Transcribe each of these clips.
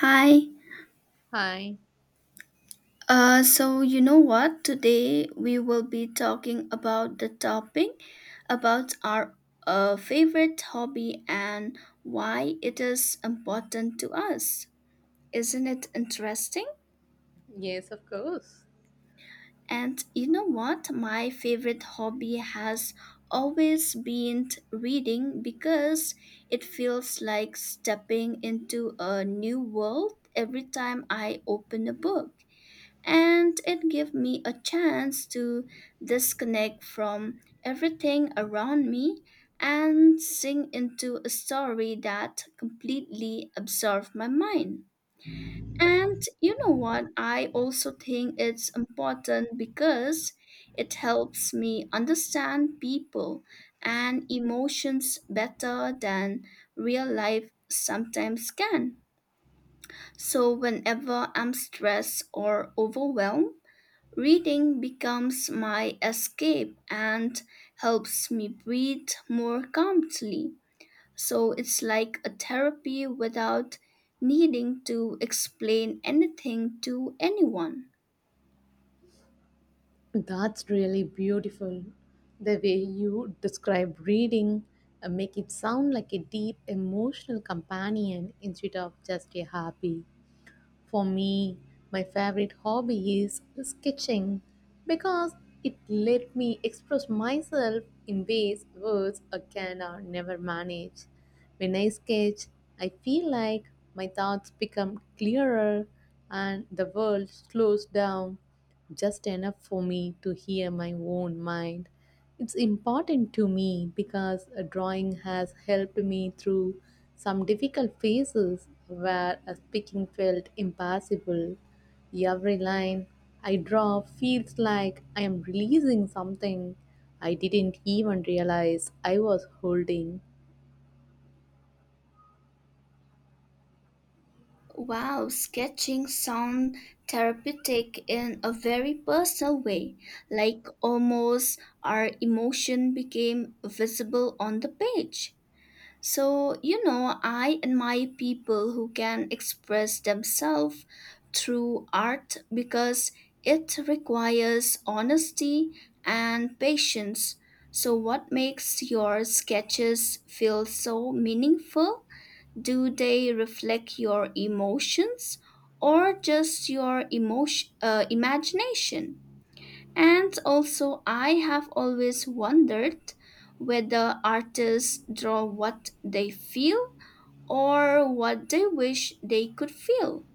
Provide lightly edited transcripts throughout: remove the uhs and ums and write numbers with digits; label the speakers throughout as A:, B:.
A: Hi.
B: Hi.
A: So you know what? Today we will be talking about the topic about our favorite hobby and why it is important to us. Isn't it interesting?
B: Yes, of course.
A: And you know what? My favorite hobby has always been reading because it feels like stepping into a new world every time I open a book. And it gave me a chance to disconnect from everything around me and sink into a story that completely absorbed my mind. And you know what? I also think it's important because it helps me understand people and emotions better than real life sometimes can. So, whenever I'm stressed or overwhelmed, reading becomes my escape and helps me breathe more calmly. So it's like a therapy without needing to explain anything to anyone.
B: That's really beautiful. The way you describe reading make it sound like a deep emotional companion instead of just a hobby. For me, my favorite hobby is sketching because it let me express myself in ways words can never manage. When I sketch, I feel like my thoughts become clearer and the world slows down just enough for me to hear my own mind. It's important to me because a drawing has helped me through some difficult phases where a speaking felt impossible. Every line I draw feels like I am releasing something I didn't even realize I was holding.
A: Wow, sketching sound therapeutic in a very personal way, like almost our emotion became visible on the page. So, you know, I admire people who can express themselves through art because it requires honesty and patience. So, what makes your sketches feel so meaningful? Do they reflect your emotions or just your imagination? And also, I have always wondered whether artists draw what they feel or what they wish they could feel.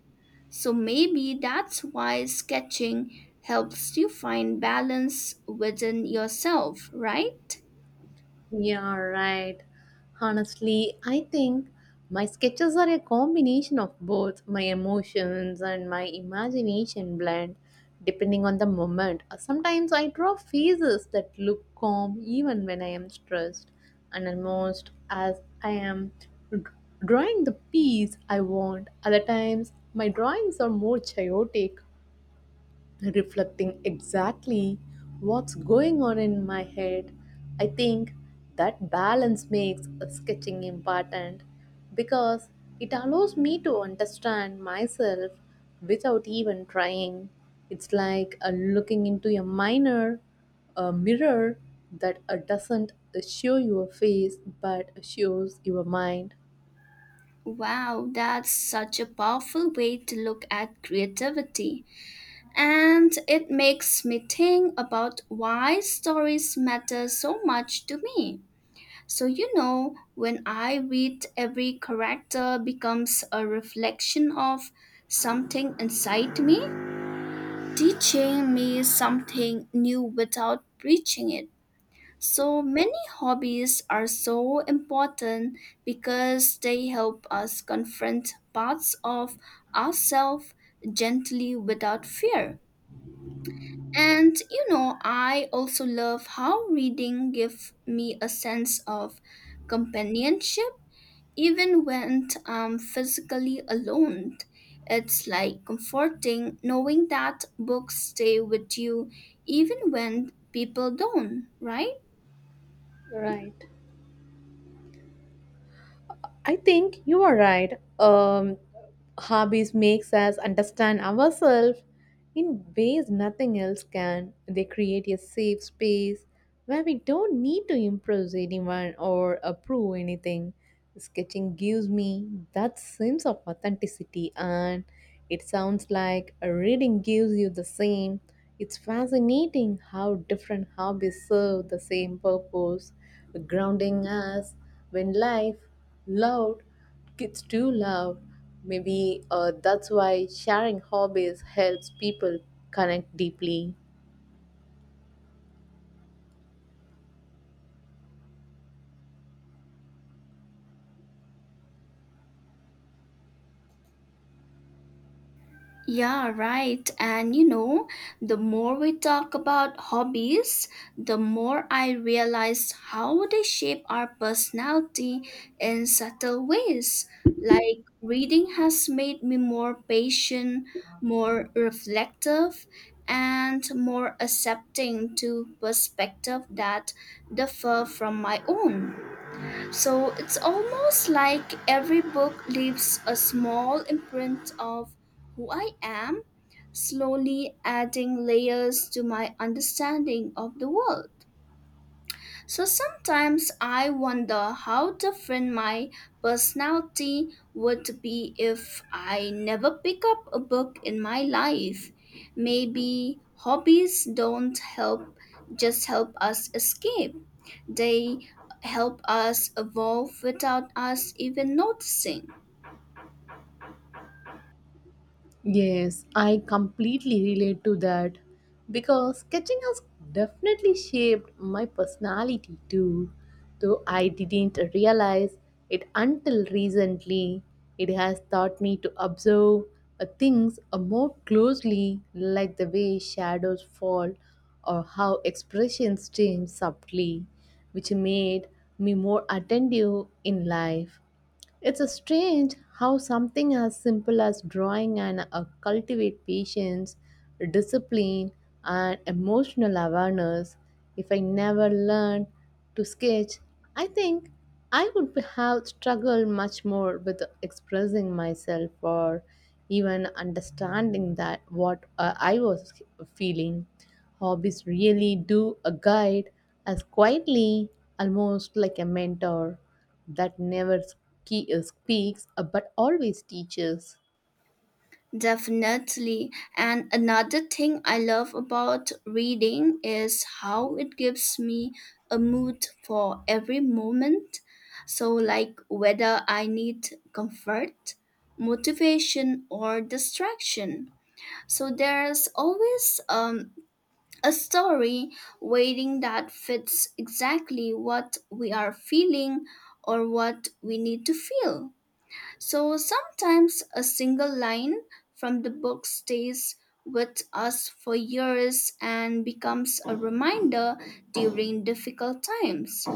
A: So maybe that's why sketching helps you find balance within yourself, right?
B: Yeah, right. Honestly, I think my sketches are a combination of both my emotions and my imagination blend, depending on the moment. Sometimes I draw faces that look calm even when I am stressed, and almost as I am d- drawing the piece I want. Other times, my drawings are more chaotic reflecting exactly what's going on in my head. I think that balance makes sketching important because it allows me to understand myself without even trying. It's like looking into a mirror that doesn't show your face but shows your mind.
A: Wow, that's such a powerful way to look at creativity. And it makes me think about why stories matter so much to me. So, you know, when I read, every character becomes a reflection of something inside me, teaching me something new without preaching it. So, many hobbies are so important because they help us confront parts of ourselves gently without fear. And you know, I also love how reading gives me a sense of companionship even when I'm physically alone. It's like comforting knowing that books stay with you even when people don't, right?
B: Right. I think you are right. Hobbies makes us understand ourselves in ways nothing else can. They create a safe space where we don't need to impress anyone or approve anything. Sketching gives me that sense of authenticity, and it sounds like reading gives you the same. It's fascinating how different hobbies serve the same purpose, grounding us when life, loud, gets too loud. Maybe that's why sharing hobbies helps people connect deeply.
A: Yeah, right. And you know, the more we talk about hobbies, the more I realize how they shape our personality in subtle ways. Like reading has made me more patient, more reflective, and more accepting to perspective that differ from my own. So it's almost like every book leaves a small imprint of who I am, slowly adding layers to my understanding of the world. So sometimes I wonder how different my personality would be if I never pick up a book in my life. Maybe hobbies don't help just help us escape. They help us evolve without us even noticing.
B: Yes, I completely relate to that because sketching has definitely shaped my personality too, though I didn't realize it until recently. It has taught me to observe things more closely, like the way shadows fall or how expressions change subtly, which made me more attentive in life. It's a strange how something as simple as drawing and cultivate patience, discipline, and emotional awareness. If I never learned to sketch, I think have struggled much more with expressing myself or even understanding that what I was feeling. Hobbies really do a guide as quietly, almost like a mentor that never speaks but always teaches.
A: Definitely. And another thing I love about reading is how it gives me a mood for every moment. So, like whether I need comfort, motivation, or distraction. So, there's always a story waiting that fits exactly what we are feeling or what we need to feel. So sometimes a single line from the book stays with us for years and becomes a reminder during difficult times.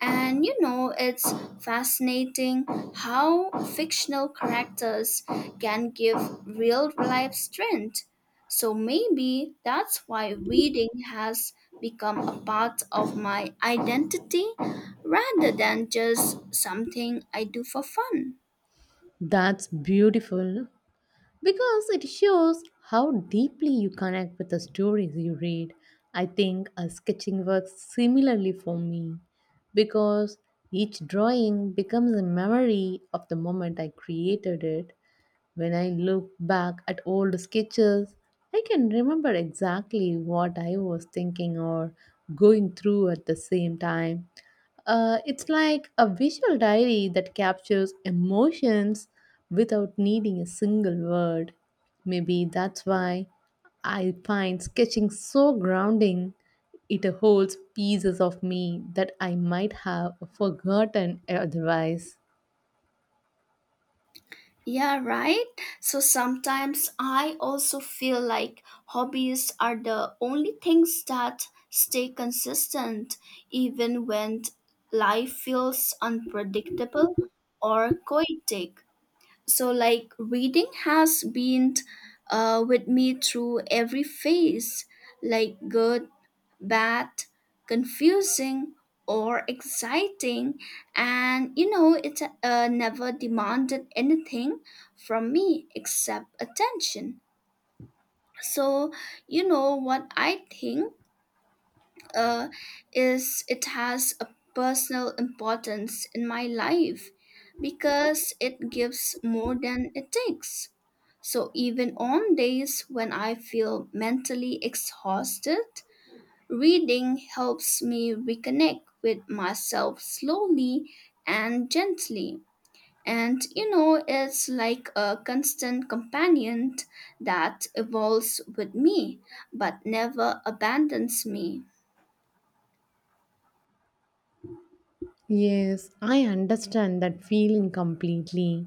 A: And you know, it's fascinating how fictional characters can give real life strength. So maybe that's why reading has become a part of my identity rather than just something I do for fun.
B: That's beautiful because it shows how deeply you connect with the stories you read. I think a sketching works similarly for me because each drawing becomes a memory of the moment I created it. When I look back at old sketches, I can remember exactly what I was thinking or going through at the same time. It's like a visual diary that captures emotions without needing a single word. Maybe that's why I find sketching so grounding. It holds pieces of me that I might have forgotten otherwise.
A: Yeah, right. So sometimes I also feel like hobbies are the only things that stay consistent even when life feels unpredictable or chaotic. So, like, reading has been with me through every phase, like good, bad, confusing, or exciting. And, you know, it never demanded anything from me except attention. So, you know what I think? uh, is it has a personal importance in my life because it gives more than it takes. So even on days when I feel mentally exhausted, reading helps me reconnect with myself slowly and gently. And you know, it's like a constant companion that evolves with me but never abandons me.
B: Yes, I understand that feeling completely.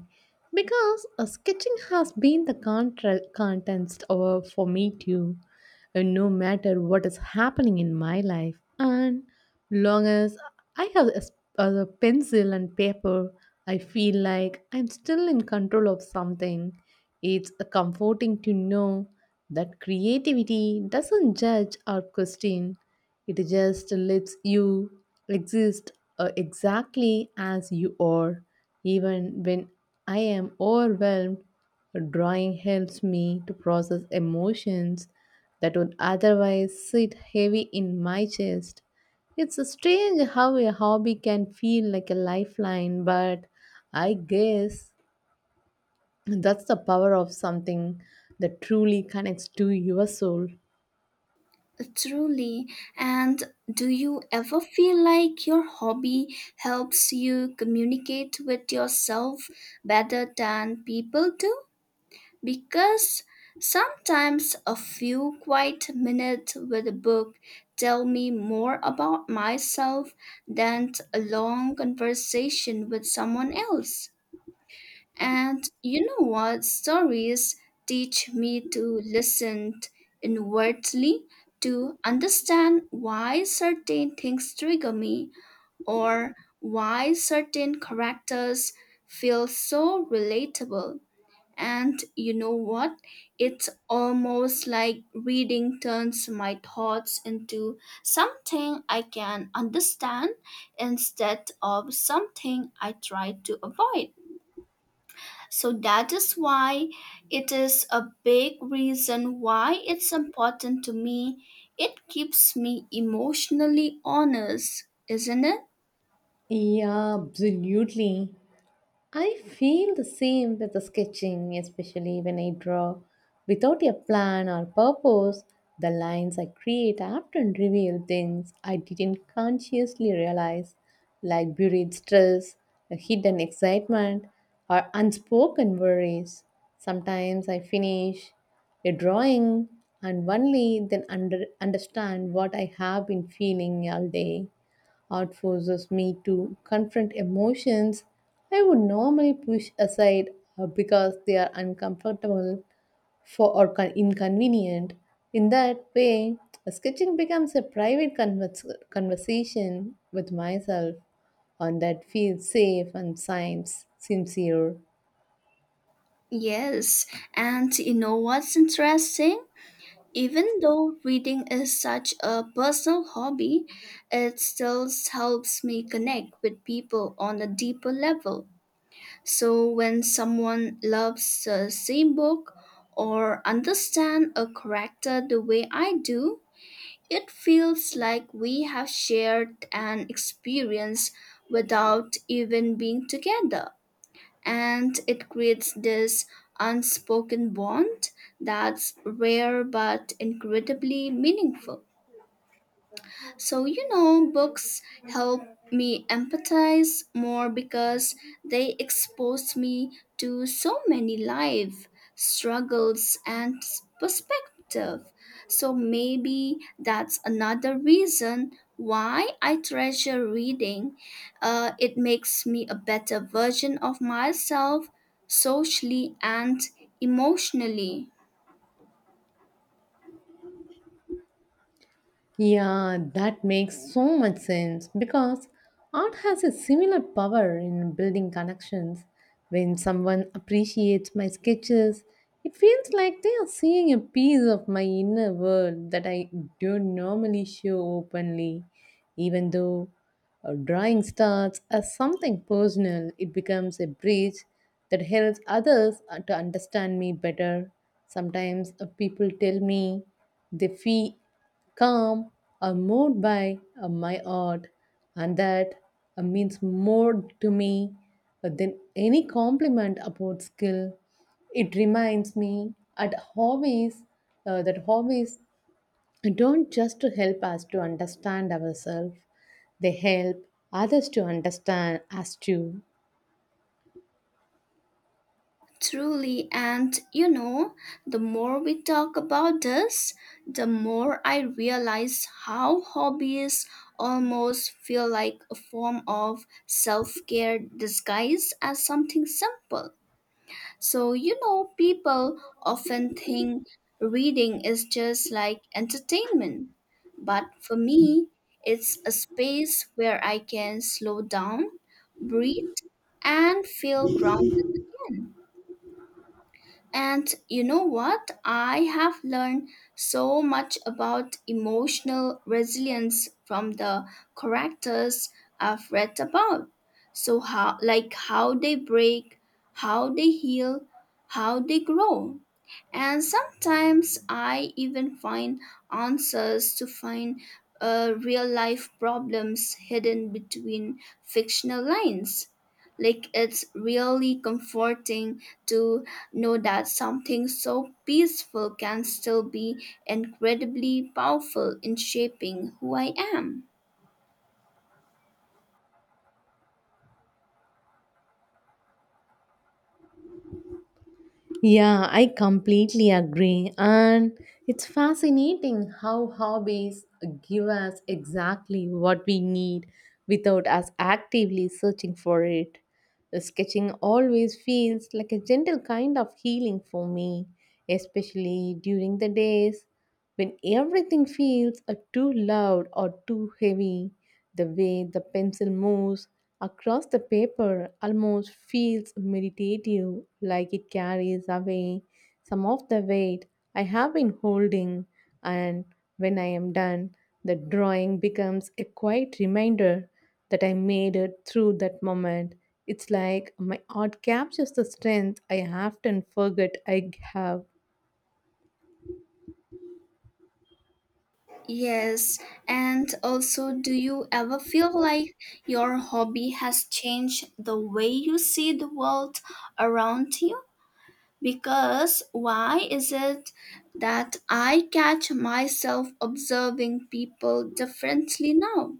B: Because sketching has been the contest for me too, no matter what is happening in my life. And long as I have a, s- a pencil and paper, I feel like I'm still in control of something. It's comforting to know that creativity doesn't judge or question. It just lets you exist exactly as you are. Even when I am overwhelmed, drawing helps me to process emotions that would otherwise sit heavy in my chest. It's strange how a hobby can feel like a lifeline, but I guess that's the power of something that truly connects to your soul.
A: Truly. And do you ever feel like your hobby helps you communicate with yourself better than people do? Because sometimes a few quiet minutes with a book tell me more about myself than a long conversation with someone else. And you know what? Stories teach me to listen inwardly, to understand why certain things trigger me or why certain characters feel so relatable. And you know what? It's almost like reading turns my thoughts into something I can understand instead of something I try to avoid. So that is why it is a big reason why it's important to me. It keeps me emotionally honest, isn't it?
B: Yeah, absolutely. I feel the same with the sketching, especially when I draw without a plan or purpose. The lines I create often reveal things I didn't consciously realize, like buried stress, a hidden excitement, or unspoken worries. Sometimes I finish a drawing and only then understand what I have been feeling all day. Art forces me to confront emotions I would normally push aside because they are uncomfortable inconvenient. In that way, sketching becomes a private conversation with myself, and that feels safe and science sincere.
A: Yes. And you know what's interesting? Even though reading is such a personal hobby, it still helps me connect with people on a deeper level. So when someone loves the same book or understand a character the way I do, it feels like we have shared an experience without even being together. And it creates this unspoken bond that's rare but incredibly meaningful. So, you know, books help me empathize more because they expose me to so many life struggles and perspective. So, maybe that's another reason why I treasure reading. It makes me a better version of myself socially and emotionally.
B: Yeah, that makes so much sense because art has a similar power in building connections. When someone appreciates my sketches, it feels like they are seeing a piece of my inner world that I don't normally show openly. Even though a drawing starts as something personal, it becomes a bridge that helps others to understand me better. Sometimes people tell me they feel calm or moved by my art, and that means more to me than any compliment about skill. It reminds me at hobbies, that hobbies don't just help us to understand ourselves, they help others to understand us too.
A: Truly, and you know, the more we talk about this, the more I realize how hobbies almost feel like a form of self care disguised as something simple. So, you know, people often think reading is just like entertainment, but for me, it's a space where I can slow down, breathe, and feel grounded again. And you know what? I have learned so much about emotional resilience from the characters I've read about. So how like how they break, how they heal, how they grow. And sometimes I even find answers to find real life problems hidden between fictional lines. Like it's really comforting to know that something so peaceful can still be incredibly powerful in shaping who I am.
B: Yeah, I completely agree. And it's fascinating how hobbies give us exactly what we need without us actively searching for it. The sketching always feels like a gentle kind of healing for me, especially during the days. When everything feels too loud or too heavy, the way the pencil moves across the paper almost feels meditative, like it carries away some of the weight I have been holding. And when I am done, the drawing becomes a quiet reminder that I made it through that moment. It's like my art captures the strength I often forget I have.
A: Yes, and also, do you ever feel like your hobby has changed the way you see the world around you? Because why is it that I catch myself observing people differently now?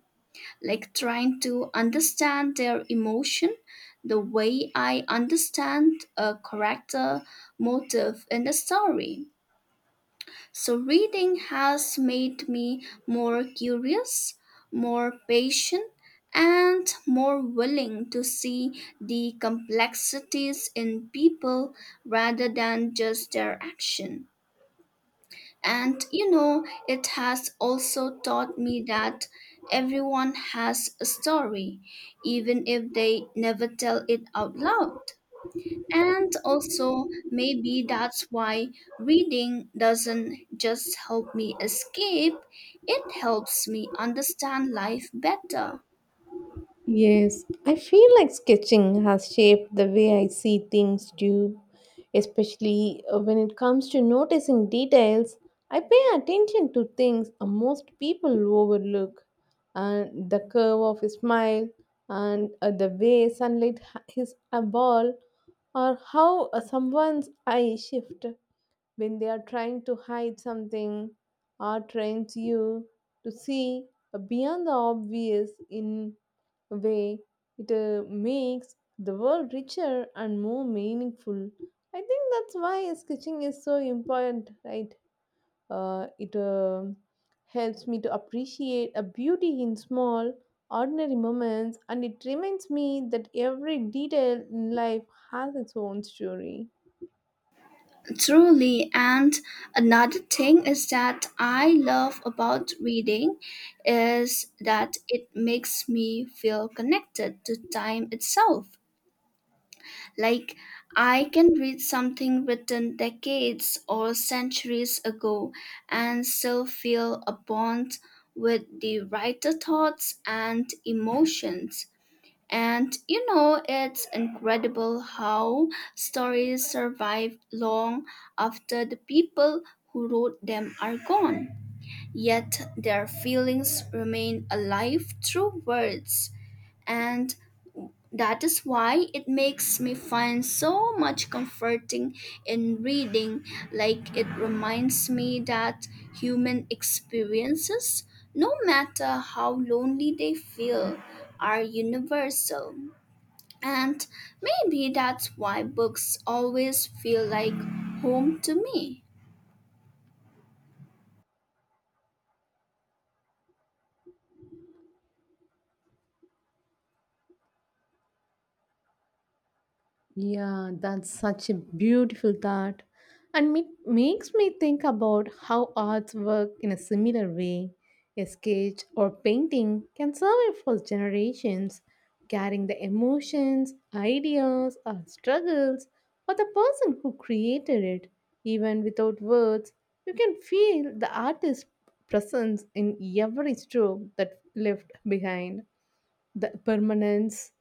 A: Like trying to understand their emotion the way I understand a character motive in a story. So, reading has made me more curious, more patient, and more willing to see the complexities in people rather than just their action. And you know, it has also taught me that everyone has a story, even if they never tell it out loud. And also, maybe that's why reading doesn't just help me escape, it helps me understand life better.
B: Yes, I feel like sketching has shaped the way I see things too, especially when it comes to noticing details. I pay attention to things most people overlook, and the curve of a smile, and the way sunlight hits a ball, or how someone's eye shift when they are trying to hide something. Art trains you to see beyond the obvious in a way it makes the world richer and more meaningful. I think that's why sketching is so important, right? It helps me to appreciate a beauty in small, ordinary moments, and it reminds me that every detail in life has its own story.
A: Truly, and another thing is that I love about reading is that it makes me feel connected to time itself. Like I can read something written decades or centuries ago and still feel a bond with the writer thoughts and emotions. And you know, it's incredible how stories survive long after the people who wrote them are gone. Yet their feelings remain alive through words. And that is why it makes me find so much comforting in reading. Like it reminds me that human experiences, no matter how lonely they feel, are universal. And maybe that's why books always feel like home to me.
B: Yeah, that's such a beautiful thought. And it makes me think about how arts work in a similar way. A sketch or painting can survive for generations, carrying the emotions, ideas, or struggles of the person who created it. Even without words, you can feel the artist's presence in every stroke that left behind. The permanence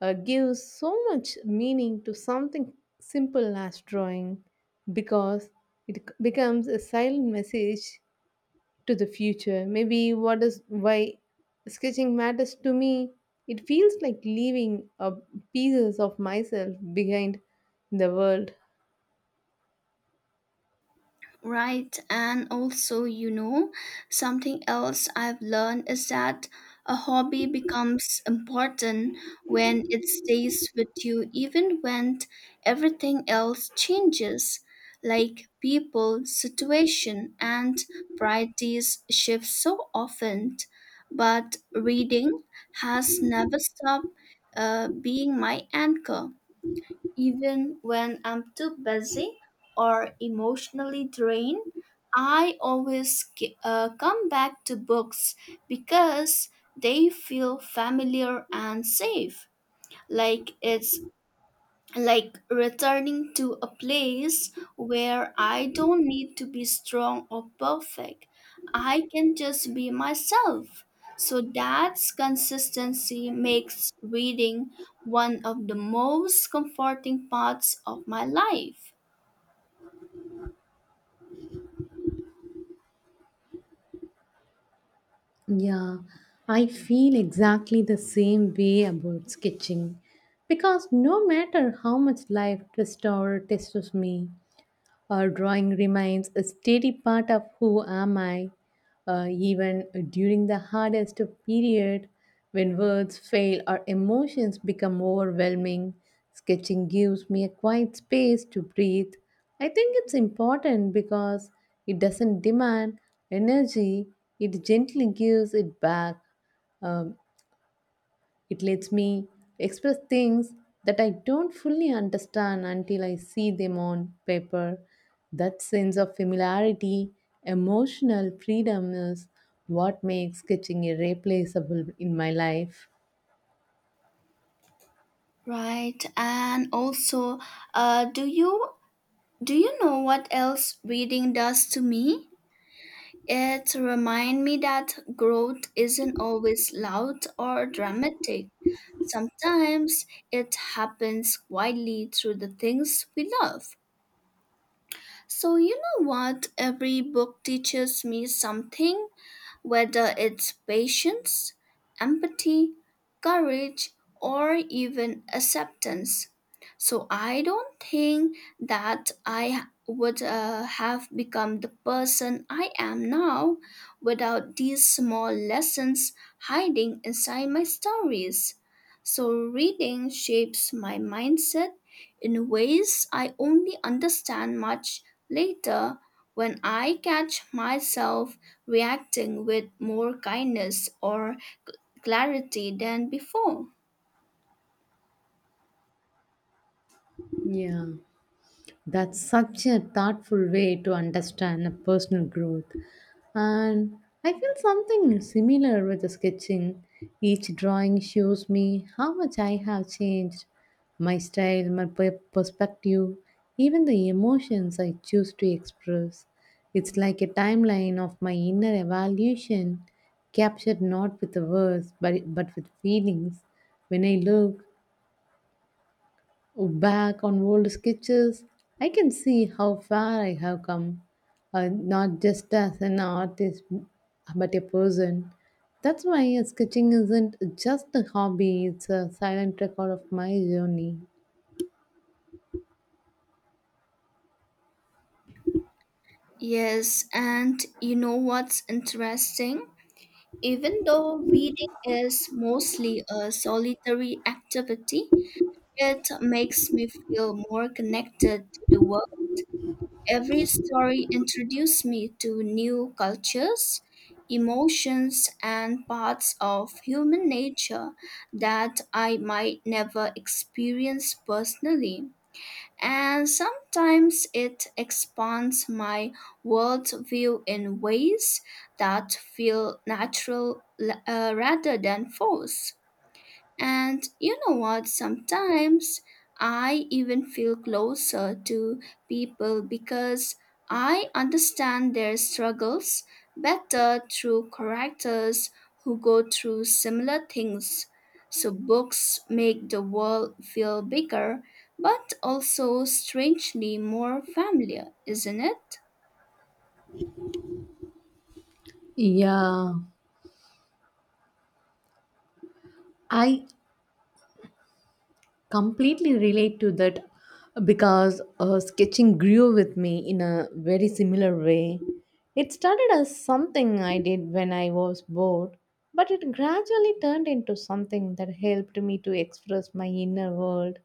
B: gives so much meaning to something simple as drawing because becomes a silent message to the future. Maybe what is why sketching matters to me. It feels like leaving pieces of myself behind in the world.
A: Right, and also, you know, something else I've learned is that a hobby becomes important when it stays with you, even when everything else changes, like people, situation, and priorities shift so often. But reading has never stopped being my anchor. Even when I'm too busy or emotionally drained, I always come back to books because they feel familiar and safe, like it's like returning to a place where I don't need to be strong or perfect. I can just be myself. So that's consistency makes reading one of the most comforting parts of my life.
B: Yeah, I feel exactly the same way about sketching because no matter how much life twists or tests me, drawing remains a steady part of who am I, even during the hardest period when words fail or emotions become overwhelming. Sketching gives me a quiet space to breathe. I think it's important because it doesn't demand energy, it gently gives it back. Um, it lets me express things that I don't fully understand until I see them on paper. That sense of familiarity, emotional freedom is what makes sketching irreplaceable in my life.
A: Right. And also, uh, do you do you know what else reading does to me? It reminds me that growth isn't always loud or dramatic. Sometimes it happens quietly through the things we love. So, you know what? Every book teaches me something, whether it's patience, empathy, courage, or even acceptance. So I don't think that I would have become the person I am now without these small lessons hiding inside my stories. So reading shapes my mindset in ways I only understand much later when I catch myself reacting with more kindness or cl- clarity than before.
B: Yeah. That's such a thoughtful way to understand a personal growth. And I feel something similar with the sketching. Each drawing shows me how much I have changed my style, my perspective, even the emotions I choose to express. It's like a timeline of my inner evaluation, captured not with the words but with feelings. When I look back on old sketches, I can see how far I have come, not just as an artist, but a person. That's why sketching isn't just a hobby, it's a silent record of my journey.
A: Yes, and you know what's interesting? Even though reading is mostly a solitary activity, it makes me feel more connected to the world. Every story introduced me to new cultures, emotions, and parts of human nature that I might never experience personally. And sometimes it expands my worldview in ways that feel natural rather than forced. And you know what? Sometimes I even feel closer to people because I understand their struggles better through characters who go through similar things. So books make the world feel bigger, but also strangely more familiar, isn't it?
B: Yeah, I completely relate to that because sketching grew with me in a very similar way. It started as something I did when I was bored, but it gradually turned into something that helped me to express my inner world.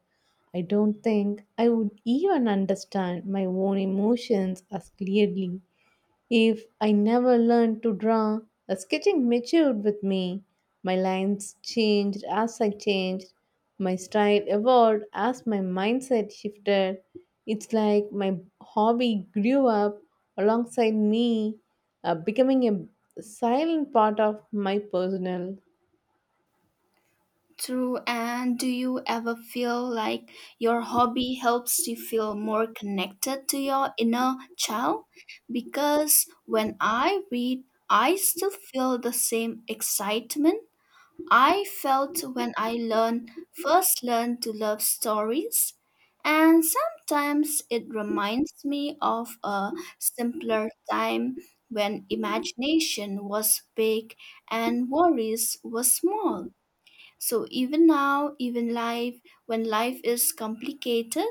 B: I don't think I would even understand my own emotions as clearly if I never learned to draw, the sketching matured with me. My lines changed as I changed. My style evolved as my mindset shifted. It's like my hobby grew up alongside me, becoming a silent part of my personal.
A: True. And do you ever feel like your hobby helps you feel more connected to your inner child? Because when I read, I still feel the same excitement I felt when I learned first learned to love stories. And sometimes it reminds me of a simpler time when imagination was big and worries were small. So even now, when life is complicated,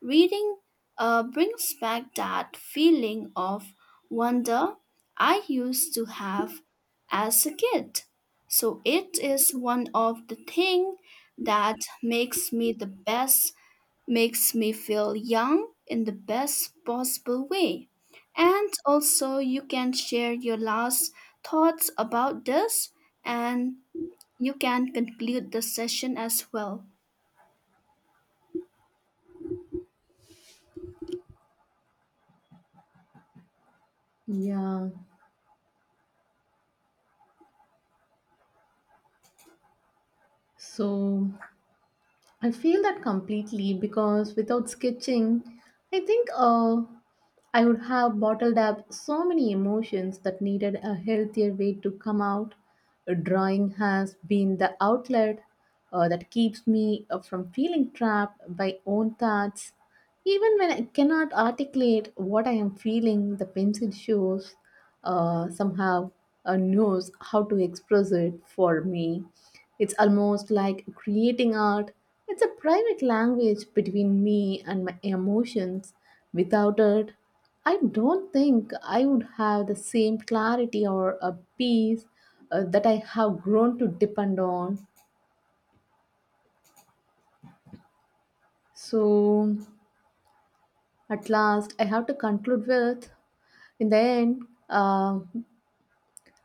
A: reading brings back that feeling of wonder I used to have as a kid. So it is one of the thing that makes me the best, makes me feel young in the best possible way. And also you can share your last thoughts about this and you can conclude the session as well.
B: Yeah. So I feel that completely because without sketching, I think I would have bottled up so many emotions that needed a healthier way to come out. Drawing has been the outlet that keeps me from feeling trapped by own thoughts. Even when I cannot articulate what I am feeling, the pencil shows somehow knows how to express it for me. It's almost like creating art. It's a private language between me and my emotions. Without it, I don't think I would have the same clarity or a peace that I have grown to depend on. So, at last, I have to conclude with in the end,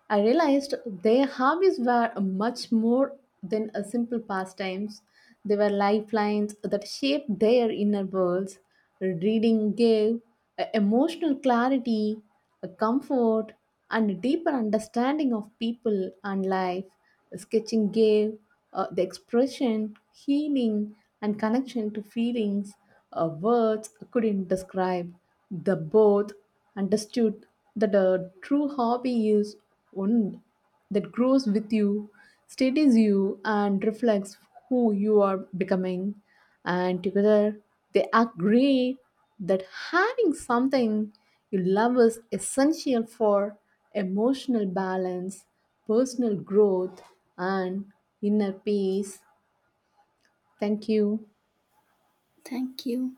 B: I realized their hobbies were much more than a simple pastimes. They were lifelines that shaped their inner worlds. Reading gave emotional clarity, a comfort, and a deeper understanding of people and life. Sketching gave the expression, healing, and connection to feelings words couldn't describe. The both understood that a true hobby is one that grows with you, steadies you, and reflects who you are becoming. And together, they agree that having something you love is essential for emotional balance, personal growth, and inner peace. Thank you.
A: Thank you.